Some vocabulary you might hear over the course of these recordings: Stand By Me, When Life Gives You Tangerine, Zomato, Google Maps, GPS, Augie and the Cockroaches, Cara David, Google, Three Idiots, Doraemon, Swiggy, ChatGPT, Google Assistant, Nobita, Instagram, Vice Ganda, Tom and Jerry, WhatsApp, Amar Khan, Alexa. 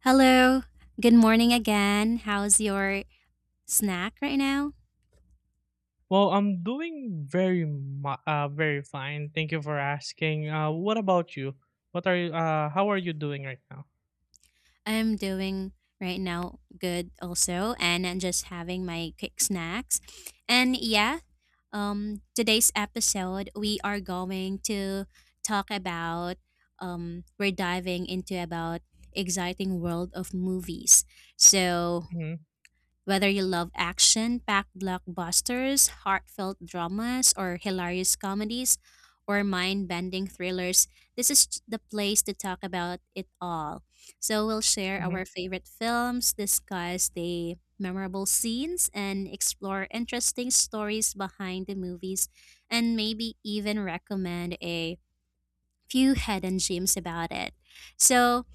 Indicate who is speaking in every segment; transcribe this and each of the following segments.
Speaker 1: Hello. Good morning again. How's your snack right now?
Speaker 2: Well, I'm doing very fine. Thank you for asking. What about you? What are you? How are you doing right now?
Speaker 1: I'm doing right now good also, and I'm just having my quick snacks. And yeah, today's episode we are going to talk about. We're diving into about exciting world of movies. So
Speaker 2: Mhm,
Speaker 1: whether you love action packed blockbusters, heartfelt dramas, or hilarious comedies, or mind bending thrillers, this is the place to talk about it all. So, we'll share
Speaker 2: mhm,
Speaker 1: our favorite films, discuss the memorable scenes, and explore interesting stories behind the movies, and maybe even recommend a few hidden gems about it. So,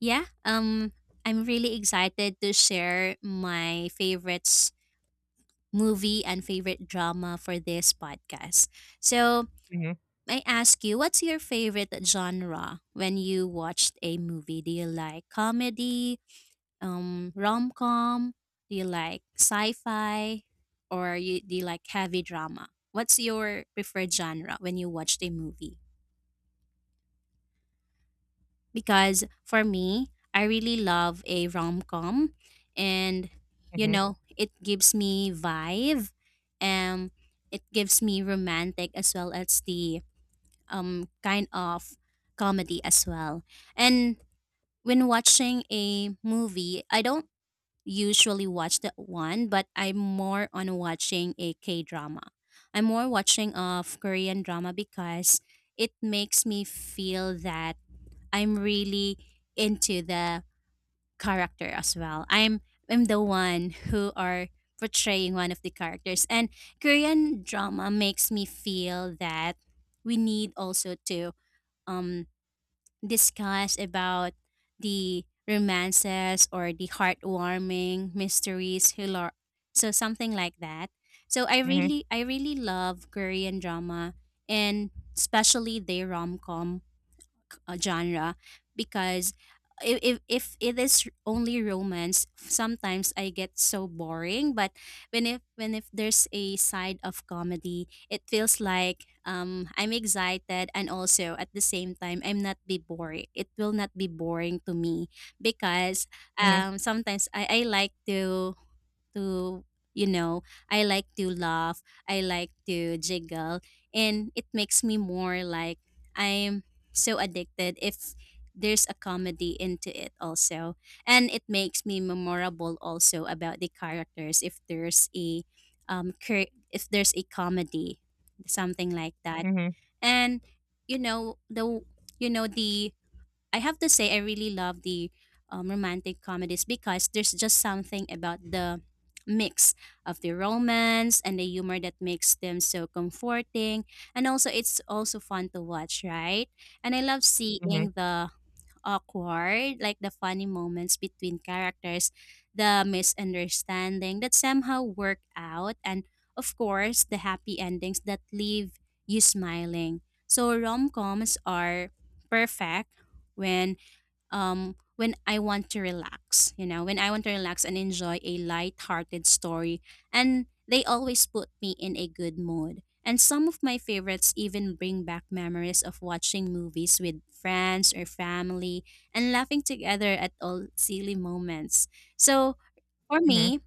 Speaker 1: yeah, I'm really excited to share my favorites movie and favorite drama for this podcast. So,
Speaker 2: mhm,
Speaker 1: I ask you, what's your favorite genre when you watched a movie? Do you like comedy, rom com? Do you like sci fi? Or do you like heavy drama? What's your preferred genre when you watched a movie? Because for me, I really love a rom com, and you
Speaker 2: mhm,
Speaker 1: know, it gives me vibe, and it gives me romantic as well as the kind of comedy as well. And when watching a movie, I don't usually watch that one, but I'm more on watching a K drama. I'm more watching of Korean drama because it makes me feel that I'm really into the character as well. I'm the one who are portraying one of the characters. And Korean drama makes me feel that we need also to um discuss about the romances or the heartwarming mysteries who so something like that. So I
Speaker 2: mhm,
Speaker 1: really I really love Korean drama, and especially the rom-com genre because if it is only romance sometimes I get so boring. But when if there's a side of comedy it feels like I'm excited and also at the same time I'm not be boring. It will not be boring to me because
Speaker 2: mhm,
Speaker 1: sometimes I like to to, you know, I like to laugh, I like to jiggle, and it makes me more like I'm so addicted if there's a comedy into it also. And it makes me memorable also about the characters if there's a if there's a comedy, something like that.
Speaker 2: mhm,
Speaker 1: And you know, the I have to say I really love the romantic comedies because there's just something about the mix of the romance and the humor that makes them so comforting, and also it's also fun to watch, right? And I love
Speaker 2: mhm,
Speaker 1: seeing the awkward, like the funny moments between characters, the misunderstanding that somehow work out, and of course, the happy endings that leave you smiling. So rom-coms are perfect when when I want to relax, you know, when I want to relax and enjoy a light-hearted story. And they always put me in a good mood. And some of my favorites even bring back memories of watching movies with friends or family and laughing together at all silly moments. So for
Speaker 2: mhm,
Speaker 1: me,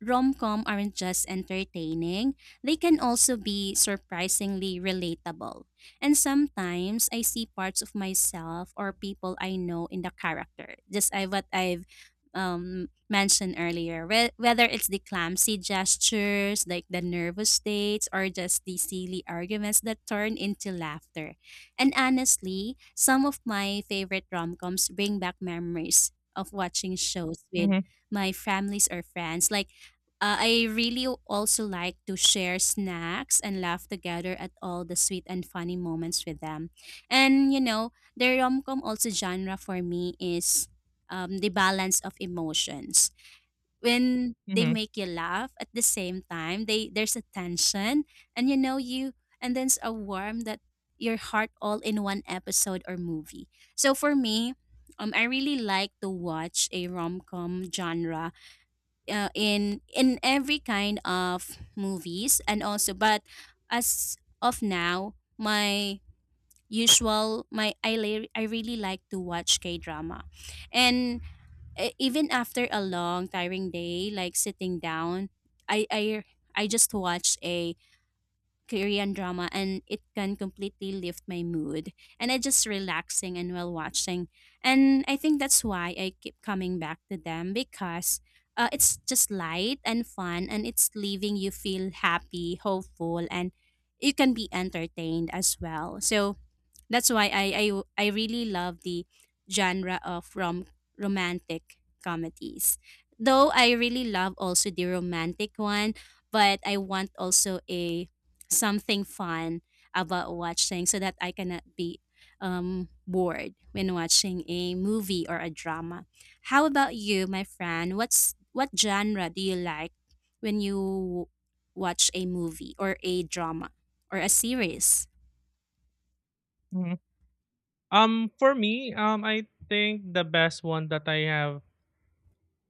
Speaker 1: rom-com aren't just entertaining, they can also be surprisingly relatable. And sometimes I see parts of myself or people I know in the character. Just I what I've mentioned earlier, whether it's the clumsy gestures, like the nervous states, or just the silly arguments that turn into laughter. And honestly, some of my favorite rom-coms bring back memories of watching shows with
Speaker 2: mhm,
Speaker 1: my families or friends. Like I really also like to share snacks and laugh together at all the sweet and funny moments with them. And you know, the rom-com also genre for me is the balance of emotions. When they
Speaker 2: mhm,
Speaker 1: make you laugh at the same time, they there's a tension and you know you and there's a warm that your heart all in one episode or movie. So for me, I really like to watch a rom-com genre in every kind of movies and also. But as of now my usual I really like to watch K drama, and even after a long tiring day like sitting down I I I just watched a Korean drama and it can completely lift my mood, and I just relaxing and while watching. And I think that's why I keep coming back to them because it's just light and fun and it's leaving you feel happy, hopeful and you can be entertained as well. So that's why I really love the genre of romantic comedies. Though I really love also the romantic one, but I want also a something fun about watching so that I cannot be bored when watching a movie or a drama. How about you, my friend? What's what genre do you like when you watch a movie or a drama or a series?
Speaker 2: mhm. For me, I think the best one that I have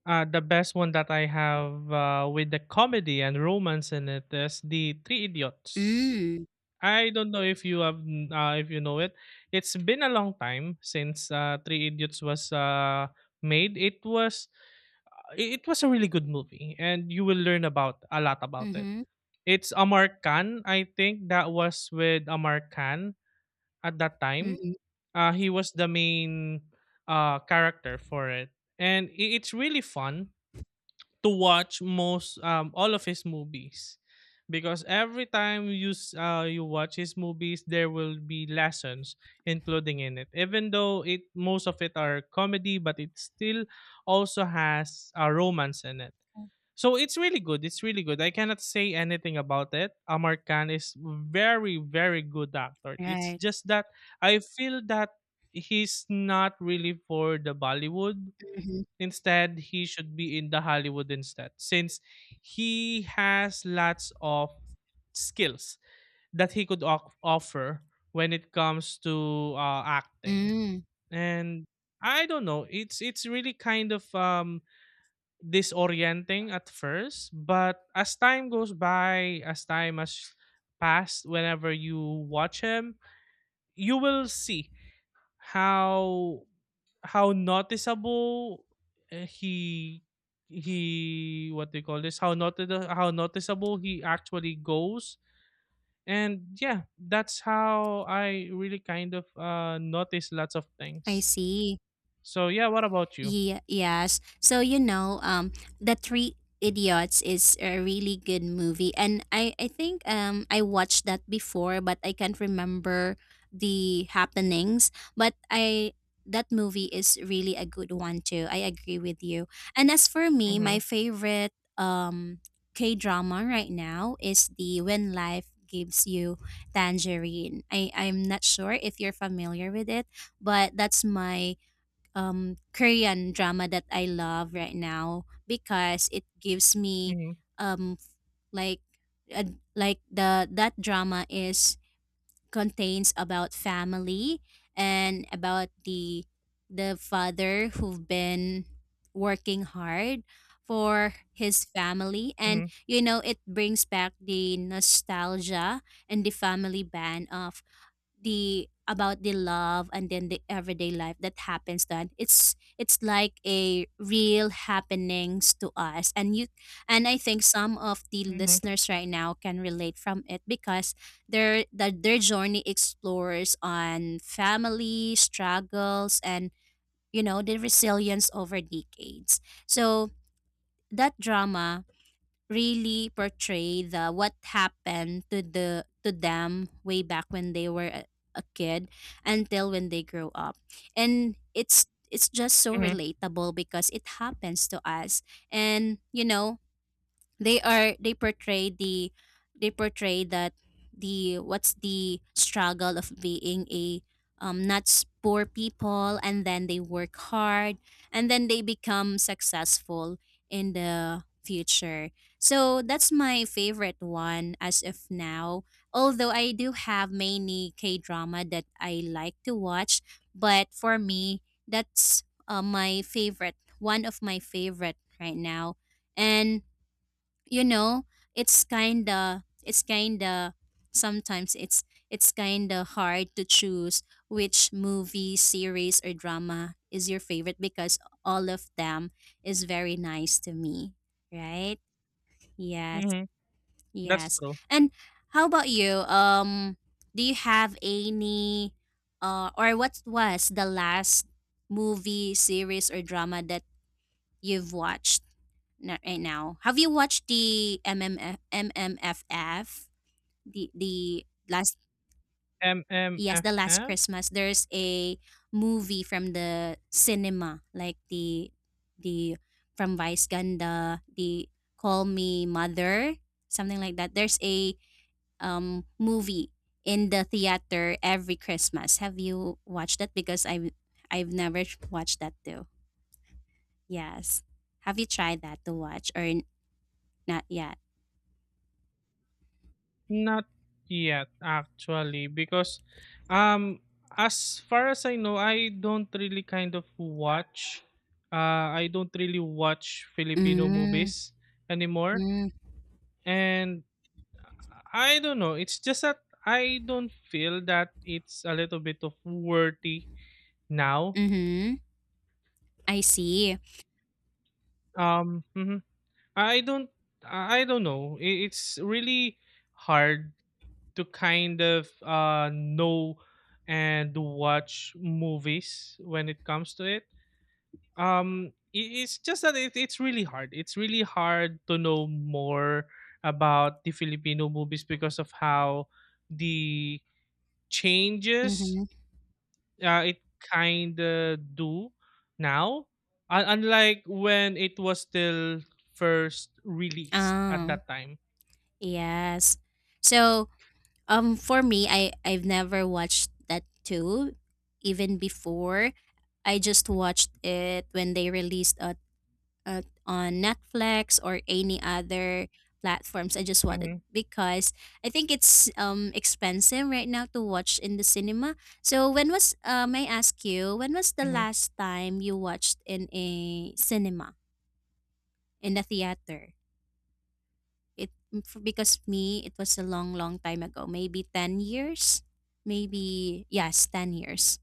Speaker 2: Uh, the best one that I have, with the comedy and romance in it, is the Three Idiots.
Speaker 1: Mm.
Speaker 2: I don't know if you have, if you know it. It's been a long time since Three Idiots was made. It was a really good movie, and you will learn about a lot about it.
Speaker 1: Mm-hmm.
Speaker 2: It's Amar Khan, I think that was with Amar Khan at that time.
Speaker 1: Mhm,
Speaker 2: He was the main character for it, and it's really fun to watch most all of his movies because every time you watch his movies there will be lessons including in it, even though it most of it are comedy, but it still also has a romance in it. So it's really good. It's really good. I cannot say anything about it. Amar Khan is very, very good actor. It's
Speaker 1: right.
Speaker 2: just that I feel that he's not really for the Bollywood.
Speaker 1: Mhm.
Speaker 2: Instead, he should be in the Hollywood instead, since he has lots of skills that he could offer when it comes to acting.
Speaker 1: Mm,
Speaker 2: And I don't know, it's really kind of disorienting at first, but as time goes by, as time has passed, whenever you watch him, you will see how noticeable uh, he he what they call this how noti- how noticeable he actually goes. And yeah, that's how I really kind of notice lots of
Speaker 1: I
Speaker 2: things.
Speaker 1: see.
Speaker 2: So yeah, what about you?
Speaker 1: Yes. So you know, the Three Idiots is a really good movie, and I think I watched that before, but I can't remember the happenings. But I that movie is really a good one too. I agree with you. And as for me,
Speaker 2: Mm-hmm,
Speaker 1: my favorite K drama right now is the When Life Gives You Tangerine. I'm not sure if you're familiar with it, but that's my Korean drama that I love right now because it gives me
Speaker 2: mm-hmm,
Speaker 1: um, like uh, like the that drama is contains about family and about the father who've been working hard for his family, and
Speaker 2: mm-hmm,
Speaker 1: you know it brings back the nostalgia and the family band of the about the love and then the everyday life that happens. Then it's like a real happenings to us and you, and I think some of the
Speaker 2: mm-hmm,
Speaker 1: listeners right now can relate from it because their that their journey explores on family struggles and you know the resilience over decades. So that drama really portray the what happened to the to them way back when they were a kid until when they grow up, and it's just so
Speaker 2: mm-hmm.
Speaker 1: relatable because it happens to us. And you know they portray the they portray that the what's the struggle of being a not s- poor people and then they work hard and then they become successful in the future. So that's my favorite one as of now, although I do have many K drama that I like to watch. But for me, that's my favorite one of my favorite right now. And you know it's kinda sometimes it's kinda hard to choose which movie series or drama is your favorite because all of them is very nice to me, right? Yes,
Speaker 2: Mm-hmm. That's
Speaker 1: yes.
Speaker 2: true.
Speaker 1: And how about you, do you have any or what was the last movie series or drama that you've watched right now? Have you watched the M M F M M F F? The last, yes, the last
Speaker 2: MMFF.
Speaker 1: Christmas. There's a movie from the cinema, like the from Vice Ganda, the Call Me Mother, something like that. There's a movie in the theater every Christmas. Have you watched that? Because I've never watched that too. Yes. Have you tried that to watch or not yet?
Speaker 2: Not yet, actually, because um, as far as I know, I don't really kind of watch. I don't really watch Filipino
Speaker 1: Mm.
Speaker 2: movies anymore,
Speaker 1: Mm,
Speaker 2: and I don't know. It's just that I don't feel that it's a little bit of worthy now.
Speaker 1: mhm. I see.
Speaker 2: Mhm. I don't. I don't know. It's really hard to kind of know and watch movies when it comes to it. It's just that it's really hard. It's really hard to know more about the Filipino movies because of how the changes
Speaker 1: Mhm.
Speaker 2: it kind of do now. Unlike when it was still first released at
Speaker 1: Oh,
Speaker 2: that time.
Speaker 1: yes. So, for me, I've never watched that too, even before. I just watched it when they released it on Netflix or any other platforms. I just watched it
Speaker 2: Mm-hmm,
Speaker 1: because I think it's expensive right now to watch in the cinema. So when was may I ask you when was the
Speaker 2: mm-hmm,
Speaker 1: last time you watched in a cinema in the theater? It f because me, it was a long, long time ago, maybe 10 years? Maybe, yes, 10 years.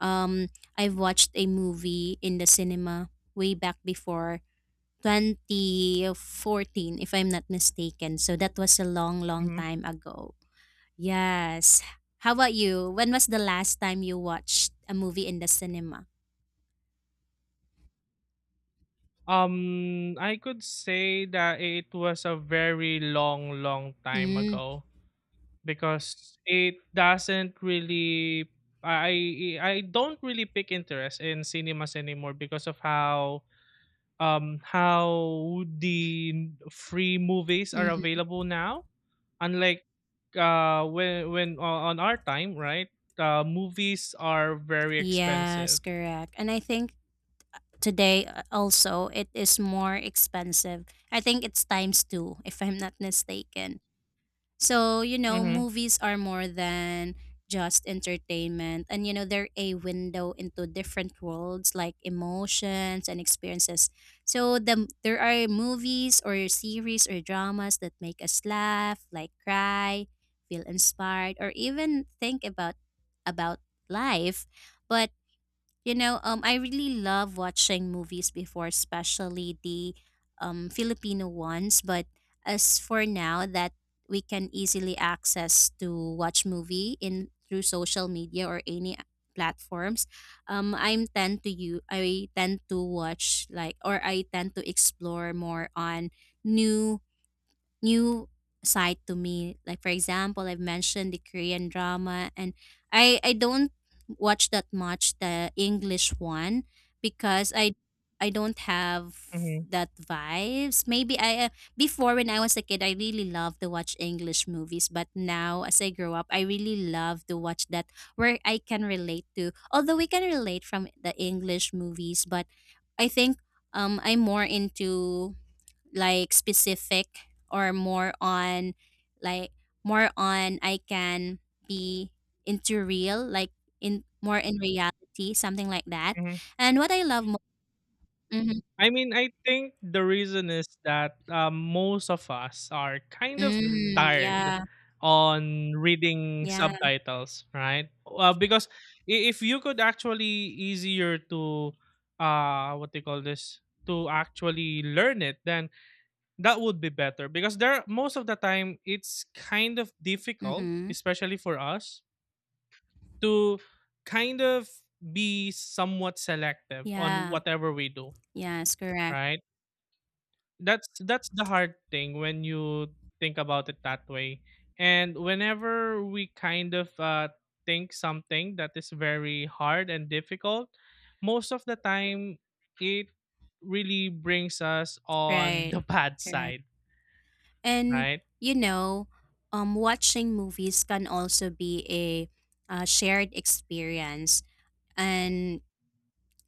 Speaker 1: Um, I've watched a movie in the cinema way back before 2014, if I'm not mistaken. So that was a long, long
Speaker 2: mm-hmm.
Speaker 1: time ago. Yes. How about you? When was the last time you watched a movie in the cinema?
Speaker 2: I could say that it was a very long, long time
Speaker 1: Mm,
Speaker 2: ago because it doesn't really, I don't really pick interest in cinemas anymore because of how the free movies are
Speaker 1: mhm.
Speaker 2: available now. Unlike when on our time, right? Movies are very
Speaker 1: Yes,
Speaker 2: expensive.
Speaker 1: correct. And I think today also it is more expensive. I think it's times 2 if I'm not mistaken. So, you know,
Speaker 2: Mm-hmm,
Speaker 1: movies are more than just entertainment, and you know they're a window into different worlds like emotions and experiences. So there are movies or series or dramas that make us laugh, like cry, feel inspired or even think about life. But you know, I really love watching movies before, especially the Filipino ones. But as for now, that we can easily access to watch movie in through social media or any platforms, I'm tend to you. I tend to watch like, or I tend to explore more on new new side to me. Like for example, I've mentioned the Korean drama, and I don't watch that much the English one because I don't have
Speaker 2: mm-hmm,
Speaker 1: that vibes. Maybe I before when I was a kid I really loved to watch English movies, but now as I grow up I really love to watch that where I can relate to. Although we can relate from the English movies, but I think I'm more into like specific or more on like more on I can be into real like in more in reality something like that.
Speaker 2: mm-hmm.
Speaker 1: And what I love Mhm.
Speaker 2: I mean, I think the reason is that most of us are kind of tired
Speaker 1: Yeah,
Speaker 2: on reading
Speaker 1: yeah,
Speaker 2: subtitles, right? Because if you could actually easier to what they call this to actually learn it, then that would be better. Because there most of the time it's kind of difficult,
Speaker 1: mm-hmm,
Speaker 2: especially for us, to kind of be somewhat selective on
Speaker 1: yeah,
Speaker 2: whatever we do,
Speaker 1: yes, correct,
Speaker 2: right? That's the hard thing when you think about it that way. And whenever we kind of think something that is very hard and difficult, most of the time it really brings us on
Speaker 1: right,
Speaker 2: the bad
Speaker 1: correct.
Speaker 2: side,
Speaker 1: and
Speaker 2: right?
Speaker 1: you know um watching movies can also be a shared experience, and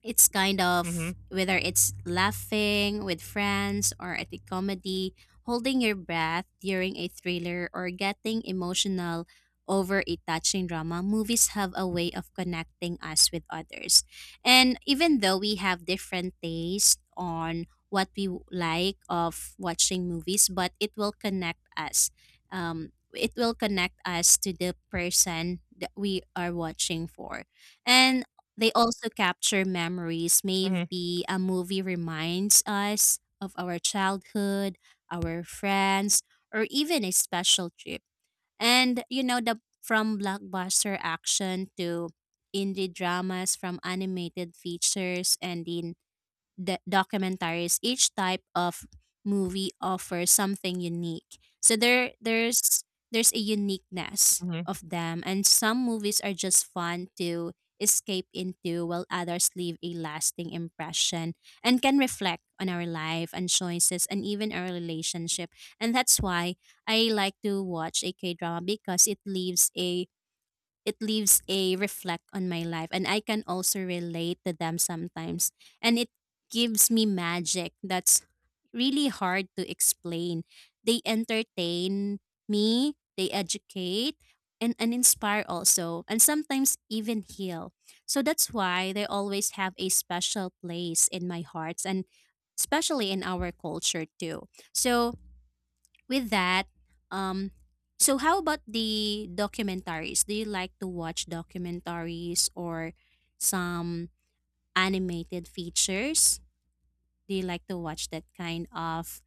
Speaker 1: it's kind
Speaker 2: Mm-hmm,
Speaker 1: of whether it's laughing with friends or at a comedy, holding your breath during a thriller, or getting emotional over a touching drama. Movies have a way of connecting us with others. And even though we have different tastes on what we like of watching movies, but it will connect us. It will connect us to the person that we are watching for. And they also capture memories.
Speaker 2: mm-hmm,
Speaker 1: Maybe a movie reminds us of our childhood, our friends, or even a special trip. And you know, the from blockbuster action to indie dramas, from animated features and in documentaries, each type of movie offers something unique. So there's a uniqueness
Speaker 2: mm-hmm,
Speaker 1: of them, and some movies are just fun to escape into while others leave a lasting impression and can reflect on our life and choices and even our relationship. And that's why I like to watch a K-drama because it leaves a reflect on my life, and I can also relate to them sometimes. And it gives me magic that's really hard to explain. They entertain me, they educate and inspire also, and sometimes even heal. So that's why they always have a special place in my hearts, and especially in our culture too. So with that, um, so how about the documentaries? Do you like to watch documentaries or some animated features? Do you like to watch that kind of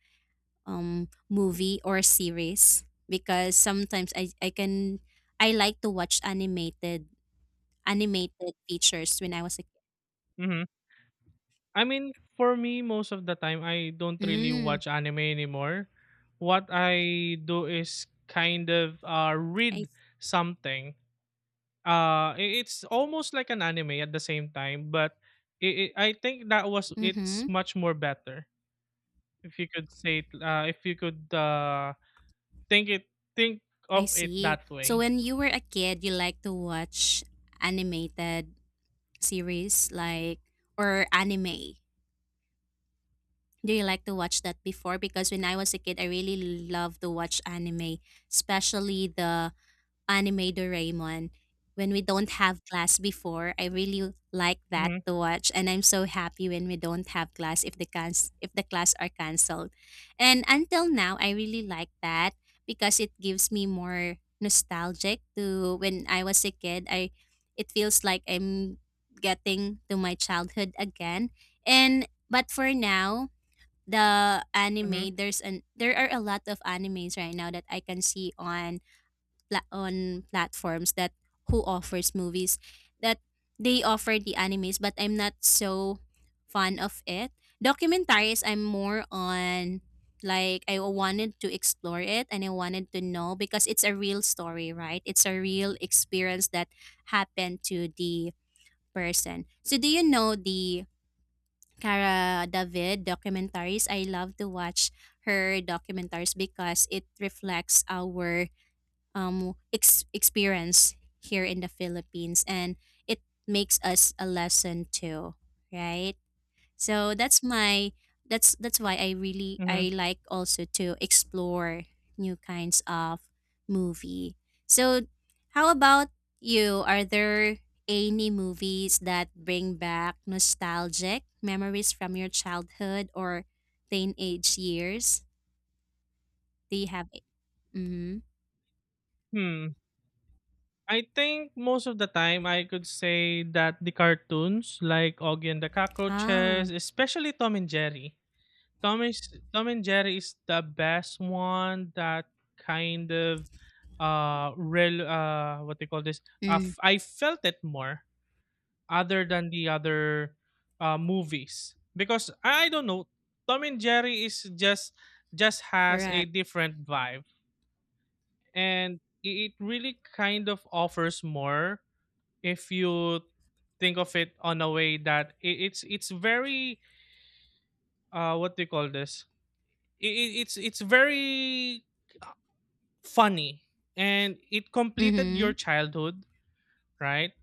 Speaker 1: movie or series? Because sometimes I can I like to watch animated features when I was a kid.
Speaker 2: mm-hmm. I mean, for me, most of the time I don't really
Speaker 1: Mm,
Speaker 2: watch anime anymore. What I do is kind of
Speaker 1: I
Speaker 2: read something. I It's almost like an anime at the same time, but it. I think that was it's
Speaker 1: mm-hmm,
Speaker 2: much more better if you could say it, if you could think it think
Speaker 1: I
Speaker 2: of it
Speaker 1: see.
Speaker 2: that
Speaker 1: So
Speaker 2: way.
Speaker 1: when you were a kid, you like to watch animated series like or anime? Do you like to watch that before? Because when I was a kid, I really love to watch anime, especially the anime Doraemon when we don't have class before. I really like that
Speaker 2: Mm-hmm,
Speaker 1: to watch, and I'm so happy when we don't have class if the if the class are canceled. And until now I really like that because it gives me more nostalgic to when I was a kid. I it feels like I'm getting to my childhood again. And but for now the
Speaker 2: mm-hmm,
Speaker 1: anime there are a lot of animes right now that I can see on on platforms that who offers movies that they offer the animes, but I'm not so fond of it. Documentaries I'm more on like I wanted to explore it, and I wanted to know because it's a real story, right? It's a real experience that happened to the person. So do you know the Cara David documentaries? I love to watch her documentaries because it reflects our experience here in the Philippines, and it makes us a lesson too, right? So that's my that's why I really
Speaker 2: mm-hmm.
Speaker 1: I like also to explore new kinds of movie. So how about you? Are there any movies that bring back nostalgic memories from your childhood or teenage years? Do you have? Mm-hmm.
Speaker 2: Hmm. I think most of the time I could say that the cartoons like Augie and the
Speaker 1: Ah,
Speaker 2: Cockroaches, especially Tom and Jerry. Tom is Tom and Jerry is the best one that kind of real what they call this
Speaker 1: mm,
Speaker 2: f- I felt it more other than the other movies because I don't know, Tom and Jerry is just has a
Speaker 1: correct.
Speaker 2: different vibe, and it really kind of offers more if you think of it on a way that it's very what do you call this I- it's very, uh, funny, and it completed your
Speaker 1: Mhm,
Speaker 2: childhood, right?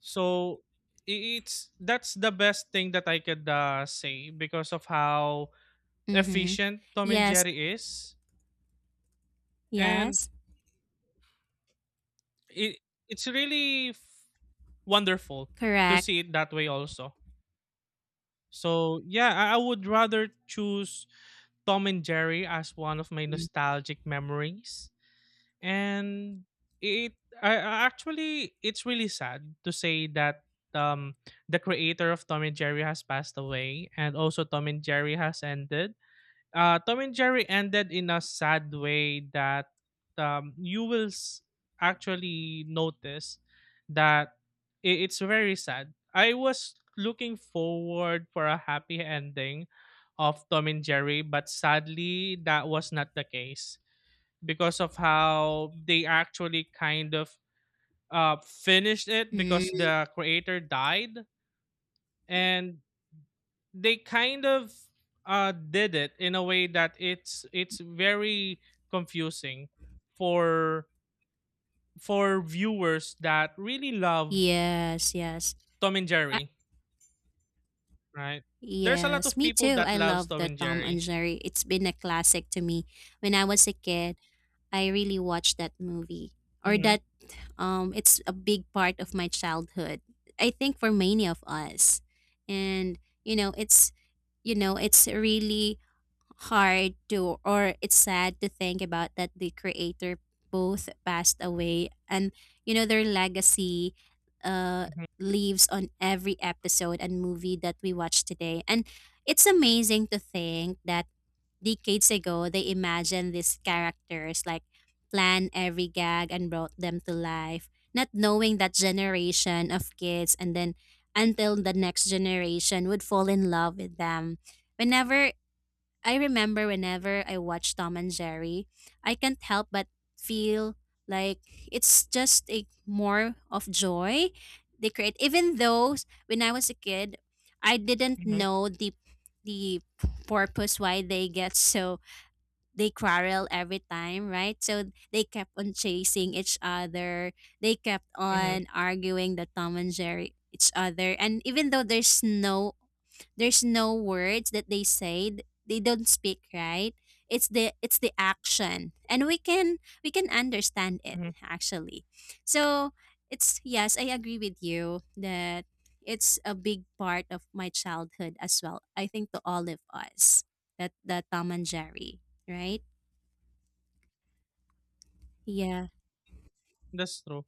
Speaker 2: So it's that's the best thing that I could, say because of how
Speaker 1: mhm.
Speaker 2: efficient Tom and
Speaker 1: Yes,
Speaker 2: Jerry is. And
Speaker 1: yes,
Speaker 2: it it's really wonderful to
Speaker 1: correct.
Speaker 2: see it that way also. So yeah, I would rather choose Tom and Jerry as one of my nostalgic memories. And it I actually, it's really sad to say that um the creator of Tom and Jerry has passed away, and also Tom and Jerry has ended. Tom and Jerry ended in a sad way that, you will actually notice that it's very sad. I was looking forward for a happy ending of Tom and Jerry, but sadly, that was not the case because of how they actually kind of finished it because
Speaker 1: Mhm.
Speaker 2: the creator died. Mm. And they kind of did it in a way that it's very confusing for viewers that really love
Speaker 1: Yes, yes.
Speaker 2: Tom and
Speaker 1: Uh,
Speaker 2: Jerry, right? There's a lot
Speaker 1: yes,
Speaker 2: of
Speaker 1: me
Speaker 2: people
Speaker 1: too.
Speaker 2: that
Speaker 1: I
Speaker 2: loves
Speaker 1: love
Speaker 2: Tom
Speaker 1: the
Speaker 2: and
Speaker 1: Tom and
Speaker 2: Jerry.
Speaker 1: Jerry. It's been a classic to me. When I was a kid, I really watched that movie. Or
Speaker 2: Hmm.
Speaker 1: that it's a big part of my childhood. I think for many of us. And you know, it's you know, it's really hard to or it's sad to think about that the creator both passed away. And you know their legacy uh
Speaker 2: Hmm.
Speaker 1: lives on every episode and movie that we watch today, and it's amazing to think that decades ago they imagined these characters, like planned every gag and brought them to life, not knowing that generation of kids and then until the next generation would fall in love with them. Whenever I remember whenever I watch Tom and Jerry, I can't help but feel like it's just a more of joy they create. Even though when I was a kid, I didn't
Speaker 2: Hmm.
Speaker 1: know the purpose why they get so they quarrel every time, right? So they kept on chasing each other. They kept
Speaker 2: Hmm.
Speaker 1: on arguing the Tom and Jerry each other. And even though there's no words that they say. They don't speak, right? It's the action. And we can understand it
Speaker 2: Hmm.
Speaker 1: actually. So, it's yes, I agree with you that it's a big part of my childhood as well. I think to all of us. That the Tom and Jerry, right? Yeah.
Speaker 2: That's true.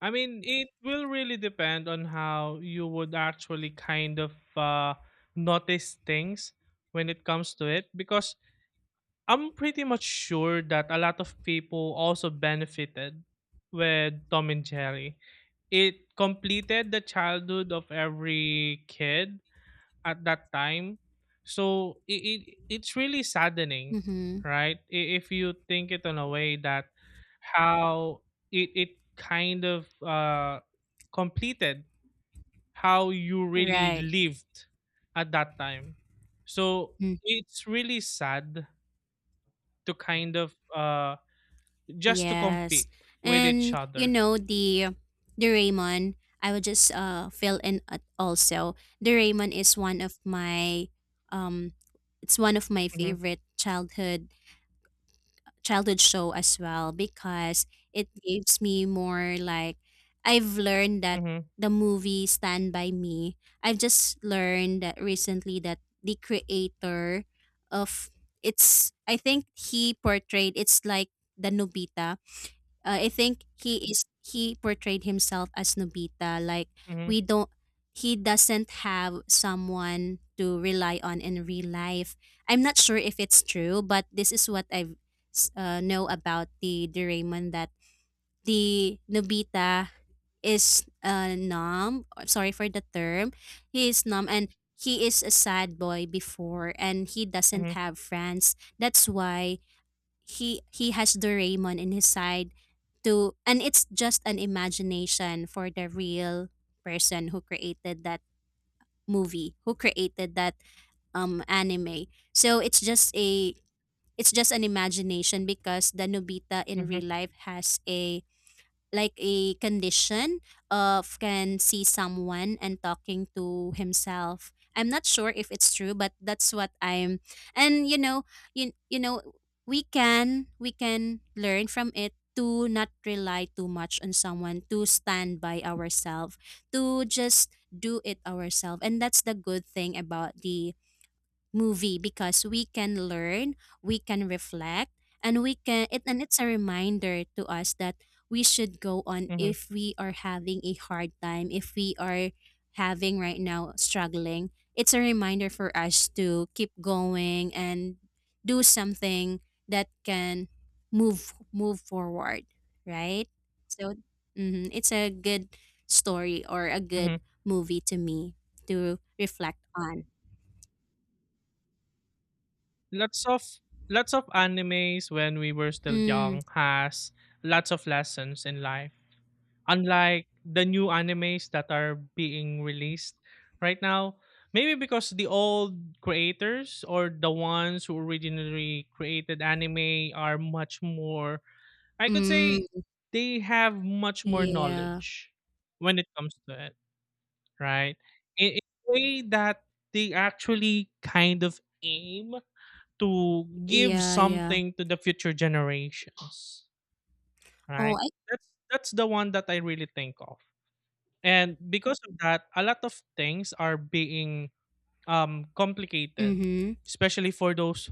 Speaker 2: I mean, it will really depend on how you would actually kind of notice things when it comes to it because I'm pretty much sure that a lot of people also benefited with Tom and Jerry. It completed the childhood of every kid at that time. So it it's really saddening,
Speaker 1: Mhm.
Speaker 2: right? If you think it in a way that how it kind of completed how you really
Speaker 1: Right.
Speaker 2: lived at that time. So
Speaker 1: Mm-hmm.
Speaker 2: it's really sad to kind of just to
Speaker 1: Yes.
Speaker 2: compete with each
Speaker 1: And you
Speaker 2: other.
Speaker 1: know the Raymond, I would just fill in at also. The Raymond is one of my um it's one of my
Speaker 2: Mhm,
Speaker 1: favorite childhood show as well because it gives me more like I've learned that
Speaker 2: mhm,
Speaker 1: the movie Stand By Me. I've just learned that recently that the creator of it's I think he portrayed it's like the Nobita I think he portrayed himself as Nobita. Like
Speaker 2: mhm,
Speaker 1: we don't he doesn't have someone to rely on in real life. I'm not sure if it's true, but this is what I know about the Doraemon that the Nobita is numb. Sorry for the term. He is numb, and he is a sad boy before, and he doesn't
Speaker 2: mhm,
Speaker 1: have friends. That's why he has Doraemon in his side to, and it's just an imagination for the real person who created that movie, who created that anime. So it's just an imagination because the Nobita in
Speaker 2: mhm,
Speaker 1: real life has a like a condition of can see someone and talking to himself. I'm not sure if it's true, but that's what I'm. And you know, you know, we can learn from it to not rely too much on someone, to stand by ourselves, to just do it ourselves. And that's the good thing about the movie, because we can learn, we can reflect, and we can it, and it's a reminder to us that we should go on
Speaker 2: mhm,
Speaker 1: if we are having a hard time, if we are having right now struggling. It's a reminder for us to keep going and do something that can move forward, right? So mhm, it's a good story or a good
Speaker 2: mhm.
Speaker 1: movie to me to reflect on.
Speaker 2: Lots of Lots of animes when we were still
Speaker 1: Mm.
Speaker 2: young has lots of lessons in life. Unlike the new animes that are being released right now, maybe because the old creators or the ones who originally created anime are much more, I could
Speaker 1: Mm,
Speaker 2: say, they have much more
Speaker 1: yeah.
Speaker 2: knowledge when it comes to it. Right? In a way that they actually kind of aim to give
Speaker 1: Yeah, yeah.
Speaker 2: something to the future generations,
Speaker 1: Oh,
Speaker 2: right?
Speaker 1: I
Speaker 2: That's the one that I really think of. And because of that, a lot of things are being complicated,
Speaker 1: mhm.
Speaker 2: especially for those,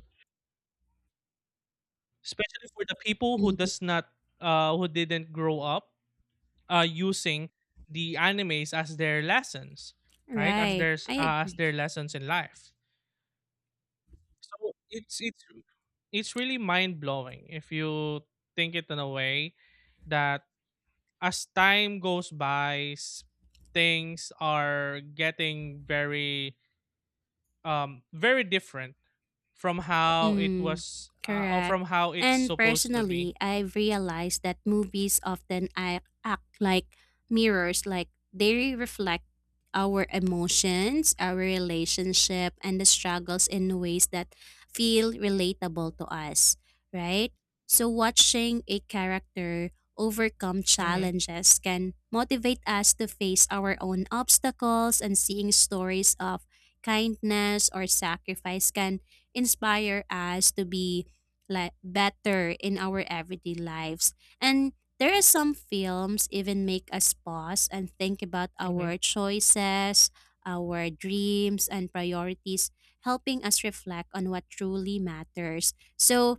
Speaker 2: especially for the people who
Speaker 1: Mhm.
Speaker 2: does not, who didn't grow up using the animes as their lessons, right? As
Speaker 1: Right.
Speaker 2: their
Speaker 1: I
Speaker 2: as
Speaker 1: agree.
Speaker 2: their lessons in life. So it's it's really mind blowing if you think it in a way that as time goes by, things are getting very, very different from how it
Speaker 1: Mm,
Speaker 2: was, or
Speaker 1: correct.
Speaker 2: from how it's
Speaker 1: And
Speaker 2: supposed to
Speaker 1: personally,
Speaker 2: be.
Speaker 1: I've realized that movies often act like mirrors, like they reflect our emotions, our relationship, and the struggles in ways that feel relatable to us, right? So, watching a character overcome
Speaker 2: Mhm.
Speaker 1: challenges can motivate us to face our own obstacles, and seeing stories of kindness or sacrifice can inspire us to be like better in our everyday lives. And there are some films even make us pause and think about
Speaker 2: Mhm.
Speaker 1: our choices, our dreams and priorities, helping us reflect on what truly matters. So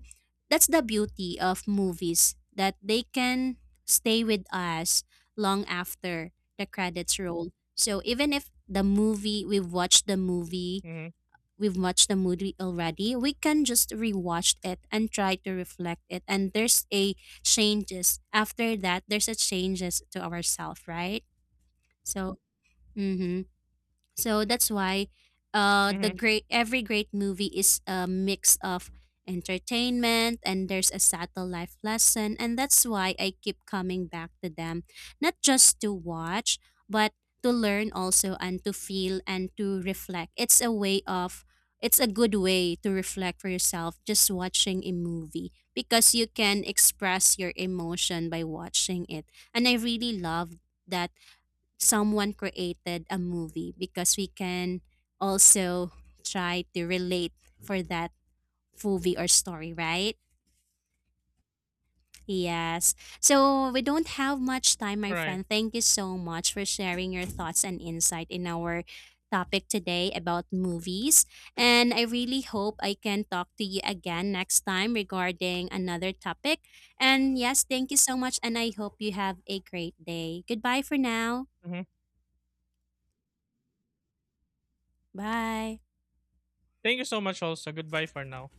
Speaker 1: that's the beauty of movies, that they can stay with us long after the credits roll. So even if the movie
Speaker 2: Mhm.
Speaker 1: we've watched the movie already, we can just rewatch it and try to reflect it. And there's a changes after that. There's a changes to ourselves, right? So. Mm-hmm. So that's why the
Speaker 2: Mhm.
Speaker 1: great every great movie is a mix of entertainment, and there's a subtle life lesson, and that's why I keep coming back to them, not just to watch but to learn also, and to feel and to reflect. It's a way of it's a good way to reflect for yourself just watching a movie, because you can express your emotion by watching it. And I really love that someone created a movie because we can also try to relate for that movie or story, right? Yes. So we don't have much time, my
Speaker 2: All right.
Speaker 1: friend. Thank you so much for sharing your thoughts and insight in our topic today about movies. And I really hope I can talk to you again next time regarding another topic. And yes, thank you so much. And I hope you have a great day. Goodbye for now.
Speaker 2: Mhm.
Speaker 1: Bye.
Speaker 2: Thank you so much. Also, goodbye for now.